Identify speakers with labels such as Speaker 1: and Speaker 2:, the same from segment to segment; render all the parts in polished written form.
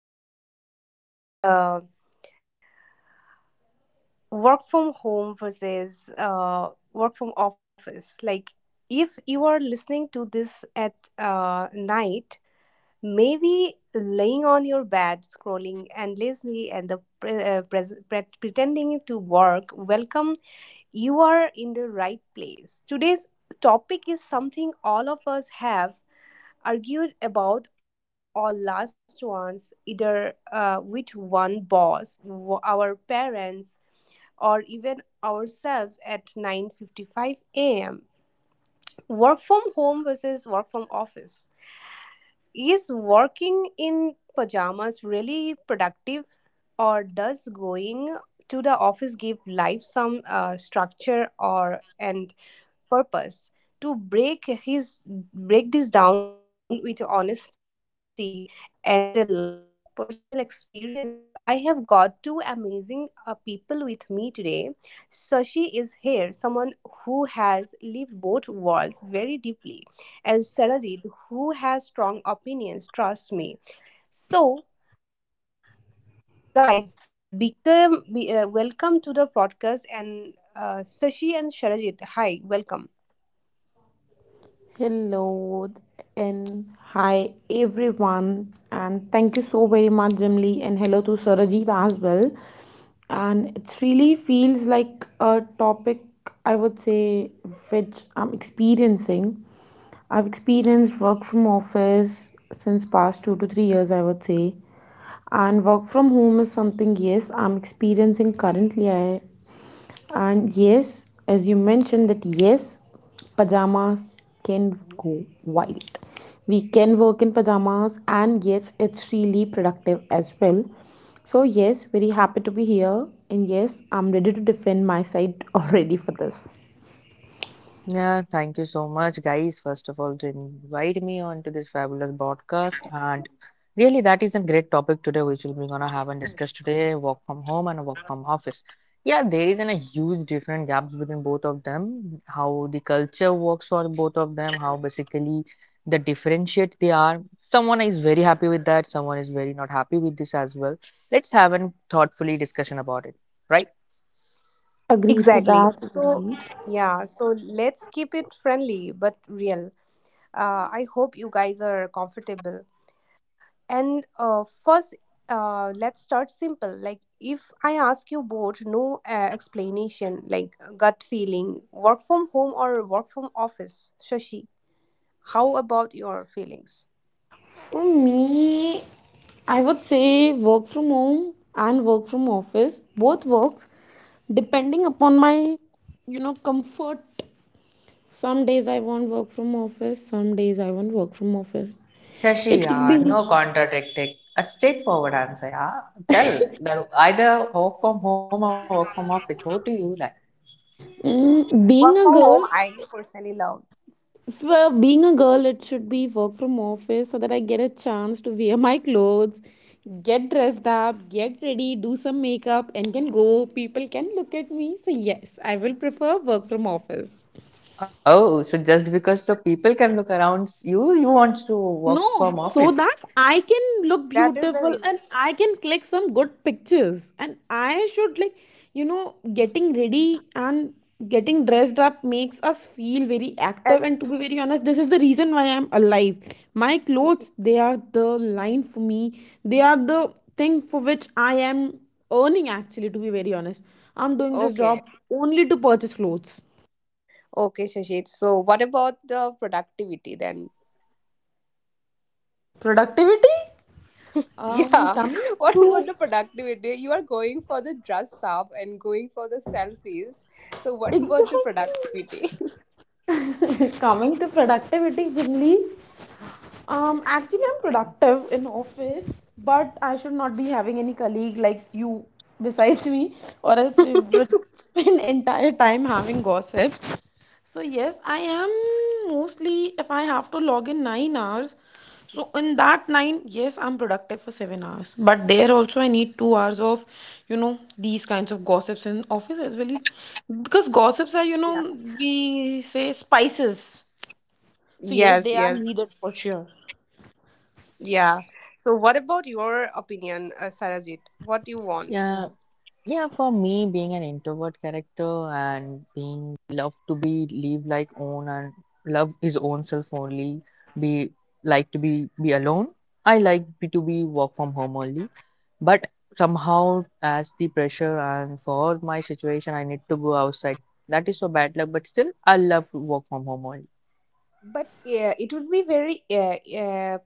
Speaker 1: another episode of uh, Work from Home versus Work from Office. If you are listening to this at night, maybe laying on your bed, scrolling endlessly, and the pre- pres pre- pretending to work, welcome. You are in the right place. Today's topic is something all of us have argued about our last ones, either which one boss, our parents, or even ourselves at 9:55 a.m. Work from home versus work from office. Is working in pajamas really productive, or does going to the office give life some structure or and purpose to break this down with honesty and a lot of personal experiences. I have got two amazing people with me today. Sashi is here, someone who has lived both worlds very deeply, and Sarajit, who has strong opinions, trust me. So, guys, welcome to the podcast, and Sashi and Sarajit, hi. Welcome.
Speaker 2: Hello and hi everyone, and thank you so very much, Jimli, and hello to Sarajit as well. And it really feels like a topic, I would say, which I'm experiencing. I've experienced work from office since past 2 to 3 years, I would say, and work from home is something, yes, I'm experiencing currently. I and yes, as you mentioned, that yes, pajamas can go wild. We can work in pajamas, and yes, it's really productive as well. So, yes, very happy to be here. And yes, I'm ready to defend my side already for this.
Speaker 3: Yeah, thank you so much, guys, first of all, to invite me onto this fabulous broadcast. And really, that is a great topic today, which we'll be gonna have and discuss today, work from home and work from office. Yeah, there is a huge different gaps between both of them, how the culture works for both of them, how basically the differentiate they are. Someone is very happy with that, someone is very not happy with this as well. Let's have a thoughtfully discussion about it, right?
Speaker 2: Agree to
Speaker 1: Exactly.
Speaker 2: that,
Speaker 1: So,
Speaker 2: indeed.
Speaker 1: yeah, so let's keep it friendly but real. I hope you guys are comfortable. And uh, first, let's start simple. Like, if I ask you both, no explanation, like gut feeling, work from home or work from office, Shashi, how about your feelings?
Speaker 2: For me, I would say work from home and work from office. Both works depending upon my, comfort. Some days I want work from office, some days I want work from office.
Speaker 3: Shashi,
Speaker 2: It should
Speaker 3: yeah,
Speaker 2: be
Speaker 3: no contradicting. A straightforward answer, yeah. Tell that either work from home or work from office. What do you like?
Speaker 2: mm, being
Speaker 1: Work
Speaker 2: a
Speaker 1: from
Speaker 2: girl.
Speaker 1: home, I personally love.
Speaker 2: For being a girl, it should be work from office so that I get a chance to wear my clothes, get dressed up, get ready, do some makeup, and can go. People can look at me. So yes, I will prefer work from office.
Speaker 3: Oh, so just because so people can look around you, you want to work
Speaker 2: No,
Speaker 3: from
Speaker 2: so that
Speaker 3: office.
Speaker 2: I can look
Speaker 1: That is the
Speaker 2: beautiful
Speaker 1: reason.
Speaker 2: and I can click some good pictures. And I should, like, getting ready and getting dressed up makes us feel very
Speaker 1: And
Speaker 2: active. And to be very honest, this is the reason why I'm alive. My clothes, they are the line for me, they are the thing for which I am earning, actually, to be very honest. I'm doing this
Speaker 1: okay,
Speaker 2: job only to purchase clothes.
Speaker 1: okay, Shashi. So, what about the productivity then?
Speaker 2: Productivity?
Speaker 1: Yeah.
Speaker 2: Coming
Speaker 1: What about
Speaker 2: to
Speaker 1: the productivity? You are going for the dress up and going for the selfies. So what about the
Speaker 2: Exactly.
Speaker 1: productivity?
Speaker 2: Coming to productivity, Jimli. Actually, I'm productive in office, but I should not be having any colleague like you besides me, or else we would spend entire time having gossips. So yes, I am mostly if I have to log in 9 hours. So in that nine, yes, I'm productive for 7 hours. But there also I need 2 hours of, these kinds of gossips in office as well. Because gossips are,
Speaker 1: Yeah.
Speaker 2: we say spices. So yes,
Speaker 1: Yes,
Speaker 2: they are
Speaker 1: yes.
Speaker 2: needed for sure.
Speaker 1: Yeah. So what about your opinion, Sarajit? What do you want?
Speaker 3: Yeah. Yeah, for me, being an introvert character and being love to be live like own and love his own self only, be like to be alone. I like to be work from home only, but somehow as the pressure and for my situation, I need to go outside. That is so bad luck, but still I love to work from home only.
Speaker 1: But yeah, it would be very uh, uh,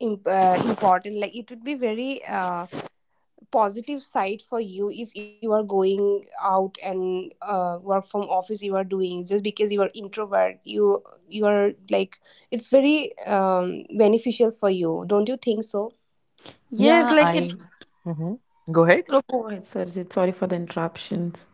Speaker 1: imp- uh, important. Like, it would be very positive side for you if you are going out, and work from office you are doing just because you are introvert. You are like, it's very beneficial for you. Don't you think so?
Speaker 2: Yes,
Speaker 3: Yeah,
Speaker 2: like it.
Speaker 3: I. Hmm. Go ahead.
Speaker 2: Go ahead, Sarjit. Sorry for the interruptions.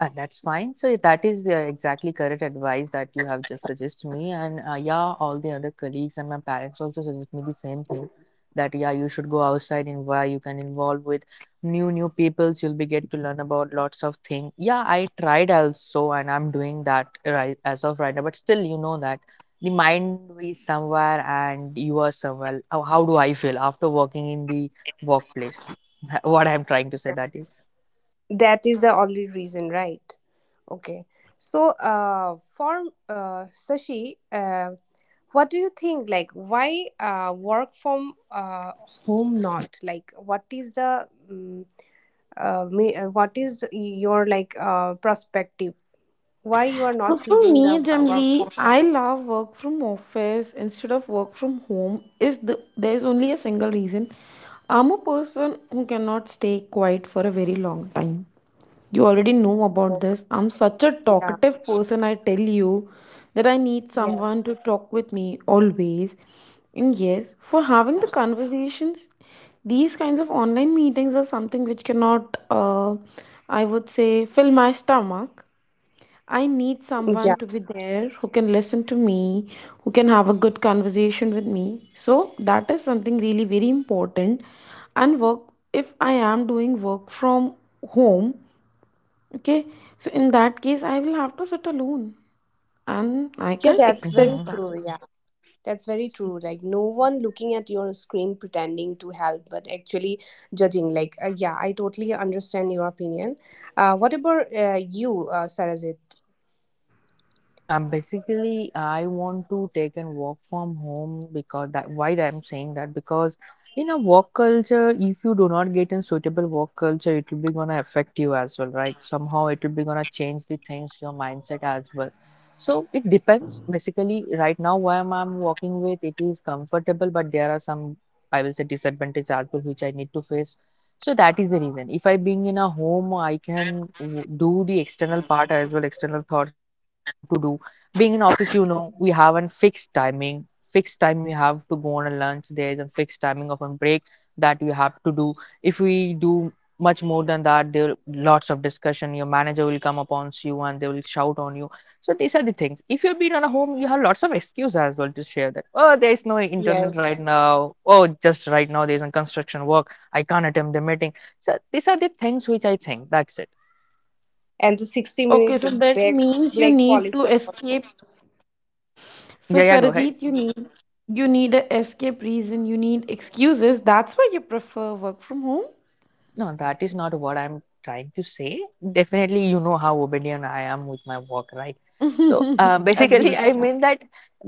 Speaker 3: That's fine. So yeah, that is the exactly correct advice that you have just suggested me, and yeah, all the other colleagues and my parents also suggest me the same thing. That yeah, you should go outside and where you can involve with new new peoples. You'll be get to learn about lots of things. Yeah, I tried also, and I'm doing that right as of right now. But still, you know that the mind is somewhere and you are somewhere. How do I feel after working in the workplace? What I'm trying to say that is.
Speaker 1: That is the only reason, right? Okay, so for Sashi, what do you think, like why work from home? Not like What is the what is your like perspective, why you are
Speaker 2: So
Speaker 1: not
Speaker 2: for
Speaker 1: choosing the
Speaker 2: me,
Speaker 1: work from
Speaker 2: generally,
Speaker 1: home?
Speaker 2: I love work from office instead of work from home. Is the There's only a single reason. I'm a person who cannot stay quiet for a very long time. You already know about
Speaker 1: Focus.
Speaker 2: this. I'm such a
Speaker 1: Yeah.
Speaker 2: talkative person, I tell you, that I need
Speaker 1: Yes.
Speaker 2: someone to talk with me always. And yes, for having the conversations, these kinds of online meetings are something which cannot, I would say, fill my stomach. I need
Speaker 1: Yeah.
Speaker 2: someone to be there who can listen to me, who can have a good conversation with me. So that is something really very important. And work, if I am doing work from home, okay, so in that case, I will have to sit alone and I
Speaker 1: Yeah,
Speaker 2: can't
Speaker 1: that's very
Speaker 2: accept
Speaker 3: Mhm.
Speaker 2: that.
Speaker 1: true. Yeah, that's very true. Like no one looking at your screen pretending to help but actually judging. Like yeah, I totally understand your opinion. Uh, what about you, Sarajit?
Speaker 3: Yeah, basically, I want to take and work from home because that why I'm saying that because in a work culture, if you do not get in suitable work culture, it will be gonna affect you as well, right? Somehow it will be gonna change the things, your mindset as well. So it depends. Basically, right now where I'm working with, it is comfortable, but there are some I will say disadvantages as well which I need to face so that is the reason. If I being in a home, I can do the external part as well, external thoughts that I want to do. Being in office, you know, we have a fixed timing. Fixed time we have to go on a lunch. There is a fixed timing of a break that we have to do. If we do much more than that, there lots of discussion. Your manager will come upon you and they will shout on you. So these are the things. If you've been on a home, you have lots of excuse as well to share that. Oh, there is no internet
Speaker 1: Yes.
Speaker 3: right now. Oh, just right now there is a construction work. I can't attend the meeting. So these are the things which I think. That's it.
Speaker 1: And the 60
Speaker 2: Okay,
Speaker 1: minute
Speaker 2: so that
Speaker 1: break
Speaker 2: means you
Speaker 1: break
Speaker 2: need to
Speaker 1: policy.
Speaker 2: escape.
Speaker 3: Yeah,
Speaker 2: So
Speaker 3: yeah, go ahead.
Speaker 2: Sarajit, you need a escape reason, you need excuses. That's why you prefer work from home.
Speaker 3: No, that is not what I'm trying to say. Definitely, you know how obedient I am with my work, right? So basically, I
Speaker 2: Agreed.
Speaker 3: mean that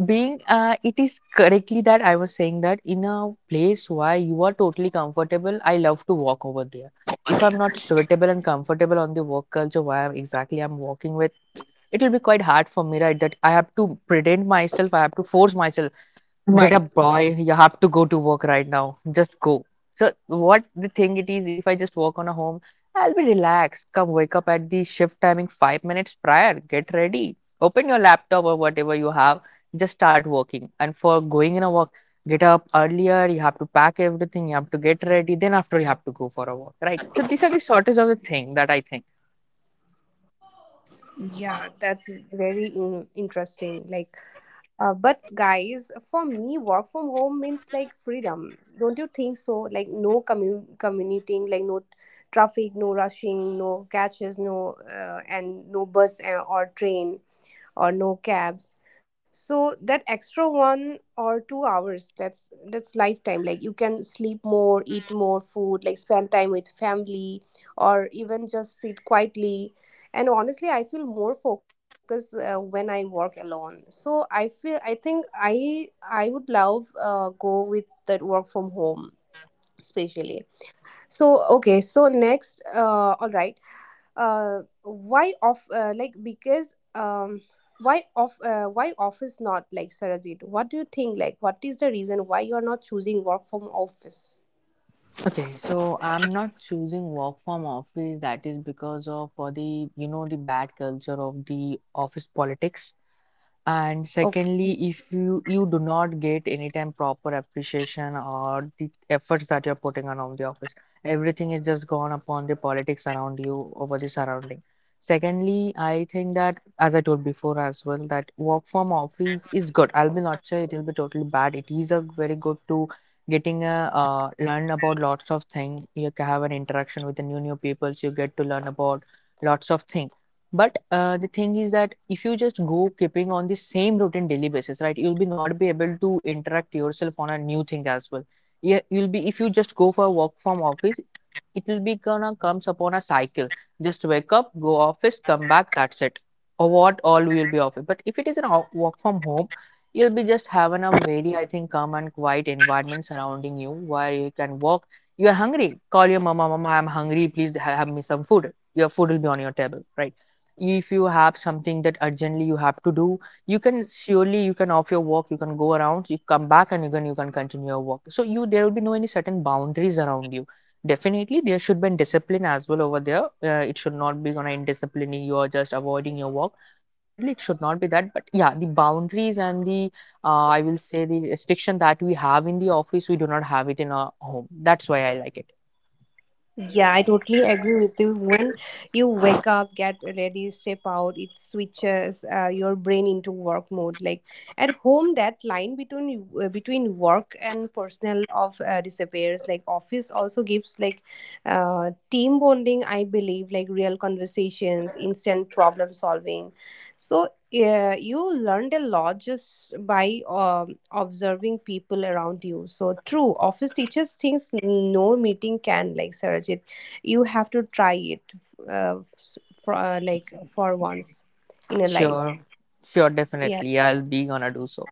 Speaker 3: being, it is correctly that I was saying that in a place where you are totally comfortable, I love to walk over there. If I'm not suitable and comfortable on the work culture where I'm exactly I'm working with, it will be quite hard for me, right? That I have to pretend myself, I have to force myself. Get up, boy. You have to go to work right now. Just go. So what the thing it is, if I just work on a home, I'll be relaxed. Come wake up at the shift timing 5 minutes prior. Get ready. Open your laptop or whatever you have. Just start working. And for going in a walk, get up earlier. You have to pack everything. You have to get ready. Then after you have to go for a walk, right? So these are the shortest of the thing that I think.
Speaker 1: Yeah, that's very interesting. Like, uh, but guys, for me, work from home means like freedom. Don't you think so? Like no commuting, like no traffic, no rushing, no catches, and no bus or train or no cabs. So that extra 1 or 2 hours, that's lifetime. Like you can sleep more, eat more food, like spend time with family, or even just sit quietly. And honestly, I feel more focused when I work alone. So I feel, I think, I would love go with that work from home especially. So okay, so next, all right, why off, why office not? Like, Sarajit, what do you think? Like, what is the reason why you are not choosing work from office?
Speaker 3: Okay, so I'm not choosing work from office. That is because of the you know the bad culture of the office politics. And secondly, if you do not get any time proper appreciation or the efforts that you're putting on the office, everything is just gone upon the politics around you over the surrounding. Secondly, I think that as I told before as well, that work from office is good. I'll be not say it will be totally bad. It is a very good to getting a learn about lots of things. You can have an interaction with the new new people. You get to learn about lots of things, but the thing is that if you just go keeping on the same routine daily basis, right, you'll be not be able to interact yourself on a new thing as well. Yeah, you'll be if you just go for a work from office, it will be gonna comes upon a cycle. Just wake up, go office, come back, that's it. Or what all will be office. But if it is an work from home, you'll be just having a very, I think, calm and quiet environment surrounding you where you can walk. You are hungry, call your mama, mama, I'm hungry, please have me some food. Your food will be on your table, right? If you have something that urgently you have to do, you can surely you can off your work, you can go around, you come back and again you can continue your work, so you there will be no any certain boundaries around you. Definitely there should be discipline as well over there. It should not be gonna indisciplining you or just avoiding your work. Definitely it should not be that, but yeah, the boundaries and the I will say the restriction that we have in the office we do not have it in our home, that's why I like it.
Speaker 1: Yeah, I totally agree with you. When you wake up, get ready, step out, it switches your brain into work mode. Like at home, that line between between work and personal of disappears. Like office also gives like team bonding. I believe like real conversations, instant problem solving. So yeah, you learned a lot just by observing people around you. So true, office teaches things no meeting can, like Sarajit. You have to try it uh, s- for like for once in a life.
Speaker 3: Sure. Sure,
Speaker 1: Yeah.
Speaker 3: definitely I'll be gonna do so.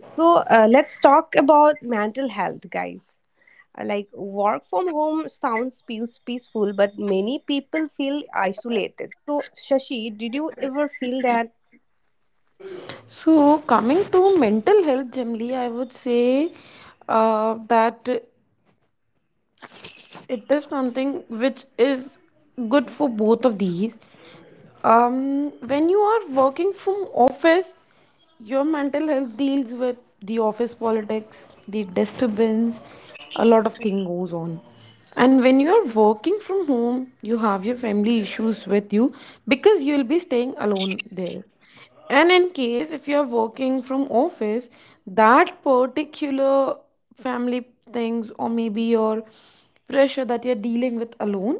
Speaker 1: So let's talk about mental health, guys. Like work from home sounds peaceful, but many people feel isolated. So Shashi, did you ever feel that?
Speaker 2: So, coming to mental health generally, I would say that it is something which is good for both of these. When you are working from office, your mental health deals with the office politics, the disturbance, a lot of thing goes on. And when you are working from home, you have your family issues with you, because you will be staying alone there. And in case if you're working from office, that particular family things, or maybe your pressure that you're dealing with alone,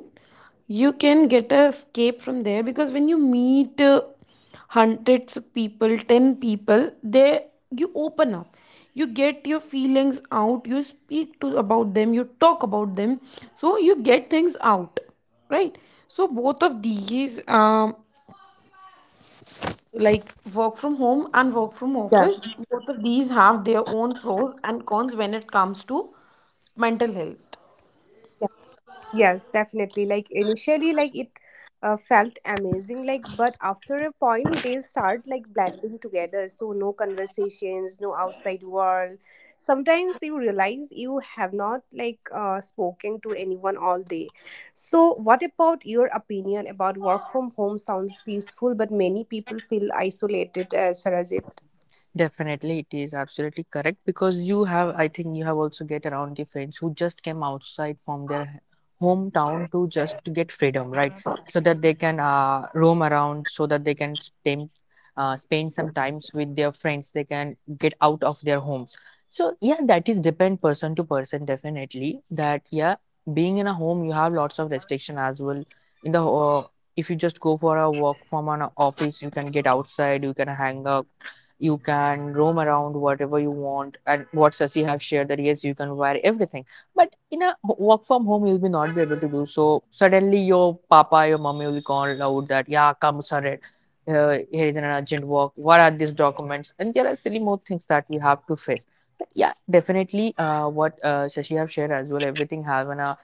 Speaker 2: you can get a escape from there. Because when you meet hundreds of people, 10 people there, you open up, you get your feelings out, you speak to about them, you talk about them, so you get things out, right? So both of these, like work from home and
Speaker 1: Yeah.
Speaker 2: work from office, both of these have their own pros and cons when it comes to mental health.
Speaker 1: Yes, definitely. Like initially, like it felt amazing. Like, but after a point, they start like blending together. So no conversations, no outside world. Sometimes you realize you have not like spoken to anyone all day. So what about your opinion about work from home? Sounds peaceful, but many people feel isolated. Sarajit.
Speaker 3: Definitely, it is absolutely correct because you have, I think, you have also get around the friends who just came outside from their hometown to just to get freedom, right? So that they can roam around, so that they can spend spend some times with their friends. They can get out of their homes. So yeah, that is depend person to person, definitely. That yeah, being in a home, you have lots of restriction as well. In the if you just go for a walk from an office, you can get outside, you can hang out, you can roam around whatever you want, and what Sasi have shared that yes you can wear everything, but in a work from home you'll be not be able to do so. Suddenly your papa your mommy will call out that yeah come sir, here is an urgent work, what are these documents, and there are silly more things that we have to face. But yeah, definitely what Shashi have shared as well, everything have an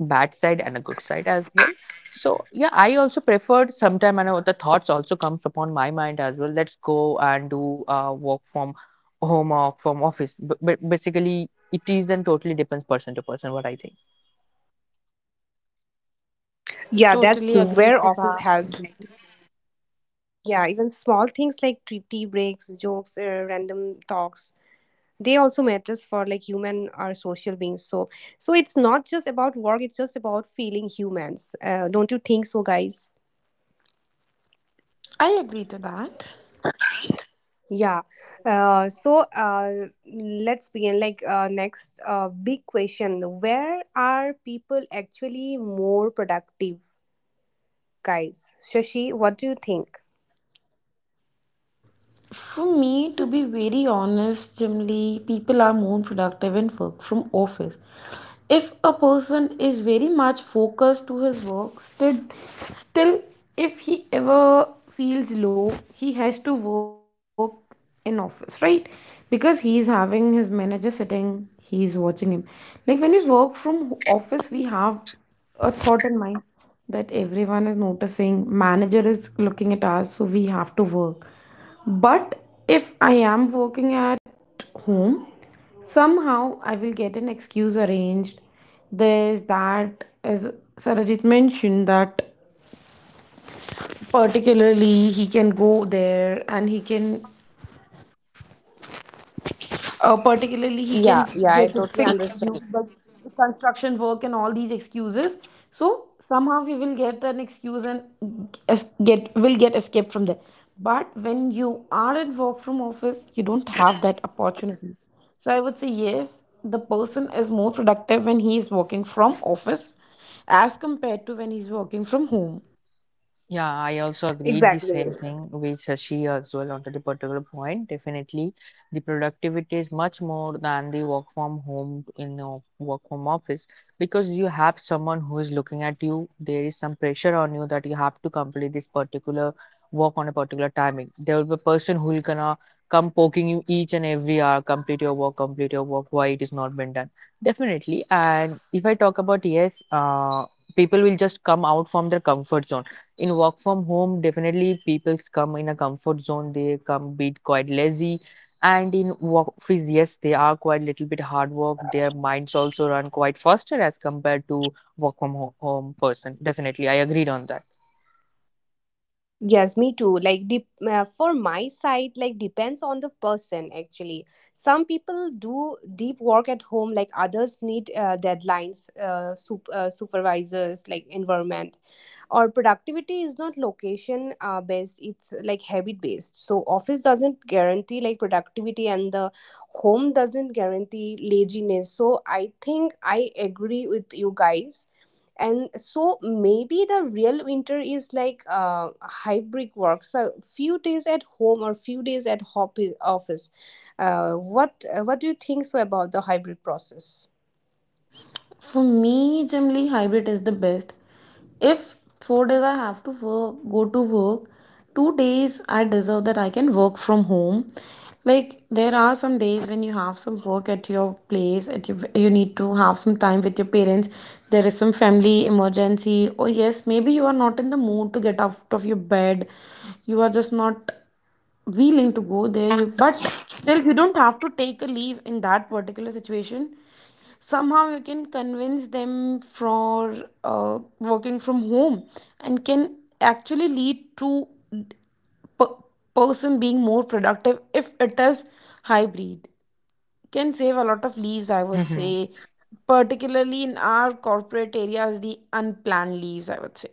Speaker 3: bad side and a good side as well. So yeah, I also preferred sometime and the thoughts also comes upon my mind as well. Let's go and do work from home or from office. But, basically, it is and totally depends person to person what I think.
Speaker 1: Yeah,
Speaker 2: Totally agree
Speaker 1: that's
Speaker 2: to
Speaker 1: where
Speaker 2: that.
Speaker 1: office helps. Like, yeah, even small things like tea breaks, jokes, random talks, they also matters. For like, human are social beings. So, so it's not just about work, it's just about feeling humans. Uh, don't you think so, guys?
Speaker 2: I agree to that.
Speaker 1: Yeah. Uh, so uh, let's begin. Like, next big question: where are people actually more productive, guys? Shashi, what do you think?
Speaker 2: For me, to be very honest, generally, people are more productive and work from office. If a person is very much focused to his work, still, if he ever feels low, he has to work in office, right? Because he is having his manager sitting, he is watching him. Like when we work from office, we have a thought in mind that everyone is noticing, manager is looking at us, so we have to work. But if I am working at home, somehow I will get an excuse arranged. There's that, as Sarajit mentioned, that particularly he can go
Speaker 1: Yeah,
Speaker 2: there and he can Uh,
Speaker 1: yeah, yeah. I
Speaker 2: particularly, he
Speaker 1: totally
Speaker 2: can get
Speaker 1: understand.
Speaker 2: it fixed for you, but the construction work and all these excuses. So somehow we will get an excuse and es- get will get escaped from there. But when you are at work from office, you don't have that opportunity. So I would say yes, the person is more productive when he is working from office as compared to when he's working from home.
Speaker 3: Yeah, I also agreed the
Speaker 1: Exactly.
Speaker 3: same thing with Sashi as well on the particular point. Definitely, the productivity is much more than the work from home in a work from office because you have someone who is looking at you. There is some pressure on you that you have to complete this particular work on a particular timing. There will be a person who will gonna come poking you each and every hour, complete your work, why it is not been done. Definitely, and if I talk about yes, people will just come out from their comfort zone in work from home. Definitely people come in a comfort zone, they come bit quite lazy, and in work office yes they are quite little bit hard work, their minds also run quite faster as compared to work from home person. Definitely I agreed on that.
Speaker 1: Yes, me too. Like, for my side, like, depends on the person actually. Some people do deep work at home, like others need deadlines, supervisors, like environment. Or productivity is not location based; it's like habit based. So office doesn't guarantee like productivity, and the home doesn't guarantee laziness. So I think I agree with you guys. And so maybe the real winter is like hybrid work, so few days at home or few days at office. Uh, what, what do you think so about the hybrid process?
Speaker 2: For me, generally, hybrid is the best. If 4 days I have to work, go to work, 2 days I deserve that I can work from home. Like there are some days when you have some work at your place, you need to have some time with your parents. There is some family emergency, or yes, maybe you are not in the mood to get out of your bed. You are just not willing to go there, you but still you don't have to take a leave in that particular situation. Somehow you can convince them for working from home, and can actually lead to per- person being more productive if it is hybrid. Can save a lot of leaves, I would
Speaker 3: Hmm.
Speaker 2: say, particularly in our corporate areas, the unplanned leaves, I would say.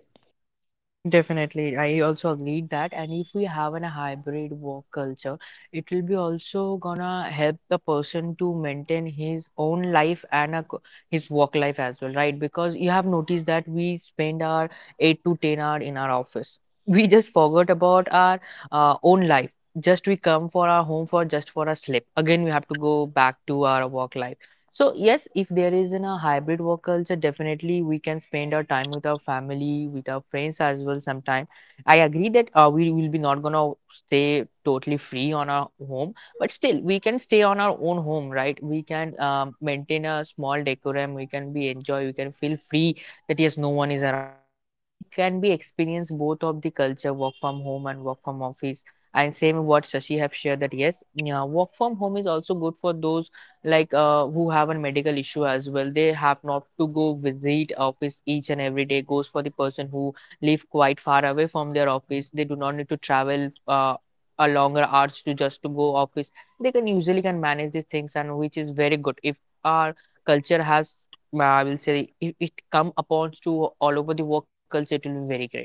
Speaker 3: Definitely, I also agreed that. And if we have a hybrid work culture, it will be also gonna help the person to maintain his own life and his work life as well, right? Because you have noticed that we spend our 8 to 10 hour in our office. We just forgot about our own life. Just we come for our home for just for a sleep. Again, we have to go back to our work life. So yes, if there is in a hybrid work culture, definitely we can spend our time with our family, with our friends as well. Sometime I agree that we will be not gonna stay totally free on our home, but still we can stay on our own home, right? We can maintain a small decorum. We can be enjoy. We can feel free that yes, no one is around us. We can be experience both of the culture, work from home and work from office. And same what Shashi have shared that yes, yeah, work from home is also good for those like who have a medical issue as well, they have not to go visit office each and every day. Goes for the person who live quite far away from their office, they do not need to travel a longer hours to just to go office. They can usually can manage these things, and which is very good if our culture has I will say if it come upon to all over the work culture, it will be very great.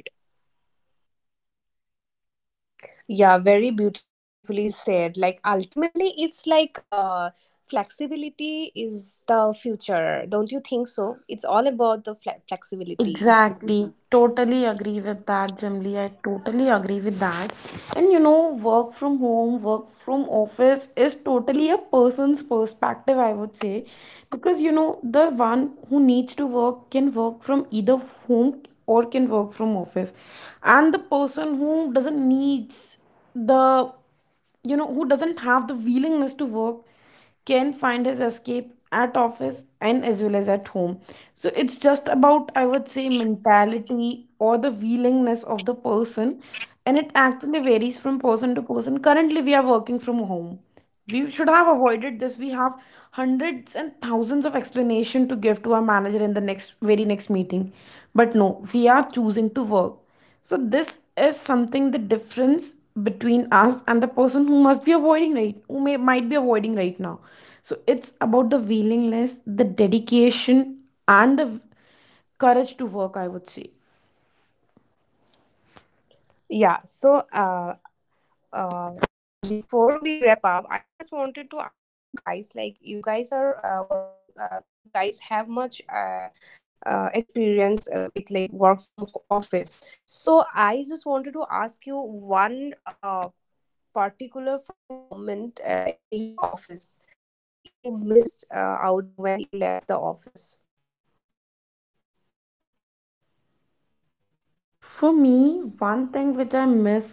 Speaker 1: Yeah, very beautifully said. Like, ultimately, it's like flexibility is the future. Don't you think so? It's all about the flexibility.
Speaker 2: Exactly. Totally agree with that, Jimli. I totally agree with that. And, work from home, work from office is totally a person's perspective, I would say. Because the one who needs to work can work from either home or can work from office. And the person who doesn't needs the you know who doesn't have the willingness to work can find his escape at office and as well as at home. So it's just about, I would say, mentality or the willingness of the person. And it actually varies from person to person. Currently, we are working from home. We should have avoided this. We have hundreds and thousands of explanation to give to our manager in the next very next meeting. But no, we are choosing to work. So this is something, the difference between us and the person who must be avoiding, right, who may might be avoiding right now. So it's about the willingness, the dedication, and the courage to work, I would say.
Speaker 1: Yeah, so uh, before we wrap up, I just wanted to ask you guys, like, you guys are working, you guys have much experience with like work from office. So I just wanted to ask you one particular funny moment in your office. What you missed out when you left the office?
Speaker 2: For me, one thing which I miss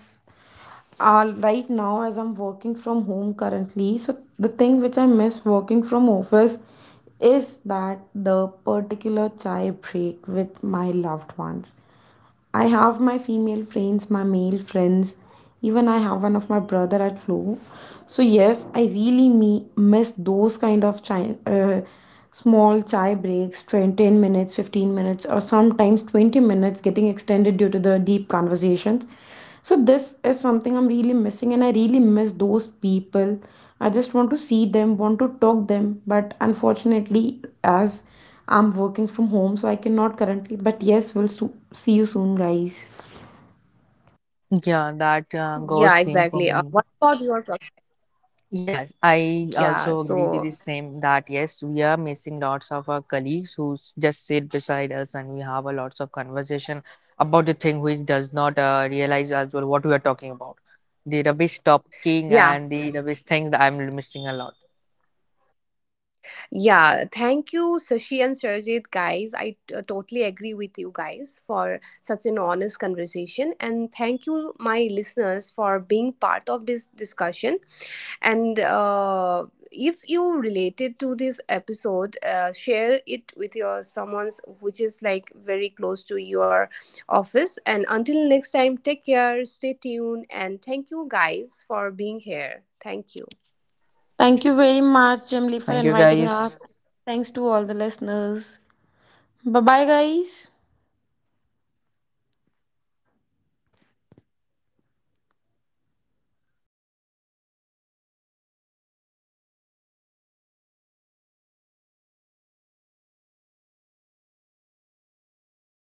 Speaker 2: right now, as I'm working from home currently, so the thing which I miss working from office is that the particular chai break with my loved ones. I have my female friends, my male friends. Even I have one of my brother at Flow. So yes, I really miss those kind of small chai breaks, 10 minutes, 15 minutes, or sometimes 20 minutes getting extended due to the deep conversations. So this is something I'm really missing, and I really miss those people. I just want to see them, want to talk them, but unfortunately, as I'm working from home, so I cannot currently. But yes, we'll see you soon, guys.
Speaker 3: Yeah,
Speaker 1: Yeah,
Speaker 3: that
Speaker 1: exactly. What
Speaker 3: goes
Speaker 1: about
Speaker 3: same for
Speaker 1: your
Speaker 3: me. Yes,
Speaker 1: yeah,
Speaker 3: I
Speaker 1: so
Speaker 3: also agree to the same that yes, we are missing lots of our colleagues who just sit beside us, and we have a lots of conversation about the thing which does not realize as well what we are talking about. The rubbish talking
Speaker 1: yeah.
Speaker 3: and the rubbish thing that I'm missing a lot.
Speaker 1: Yeah, thank you, Sashi and Sarojit, guys. I totally agree with you guys for such an honest conversation. And thank you, my listeners, for being part of this discussion. And if you related to this episode, share it with your someone's which is like very close to your office. And until next time, take care, stay tuned, and thank you guys for being here. Thank you.
Speaker 2: Thank you very much, Jimly, for
Speaker 3: Thank you
Speaker 2: inviting us.
Speaker 3: guys.
Speaker 2: Thanks to all the listeners. Bye bye, guys.